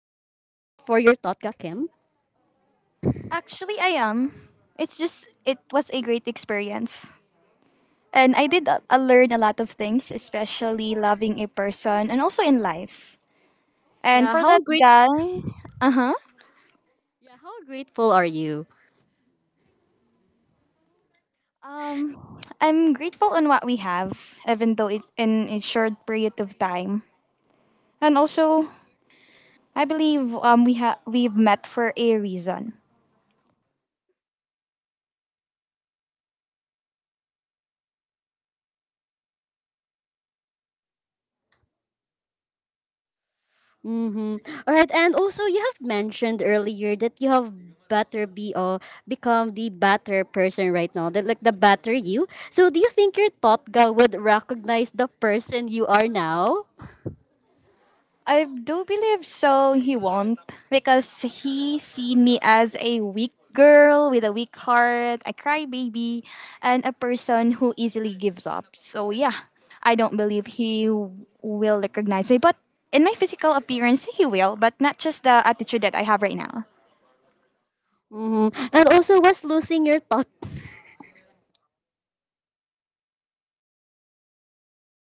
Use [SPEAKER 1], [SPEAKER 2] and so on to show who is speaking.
[SPEAKER 1] your Totka, Kim?
[SPEAKER 2] Actually, I am. It's just it was a great experience. And I did learn a lot of things, especially loving a person and also in life. And
[SPEAKER 1] Yeah,
[SPEAKER 2] for
[SPEAKER 1] how
[SPEAKER 2] that
[SPEAKER 1] great.
[SPEAKER 2] guy, uh-huh.
[SPEAKER 1] Yeah, how grateful are you?
[SPEAKER 2] Um I'm grateful on what we have, even though it's in a short period of time. And also, I believe we've met for a reason.
[SPEAKER 1] Mhm. All right. And also you have mentioned earlier that you have better be or become the better person right now. That like the better you. So do you think your Totka would recognize the person you are now?
[SPEAKER 2] I do believe so he won't, because he seen me as a weak girl with a weak heart, a crybaby, and a person who easily gives up. So yeah, I don't believe will recognize me. But in my physical appearance, he will, but not just the attitude that I have right now.
[SPEAKER 1] Mhm. And also was losing your Totka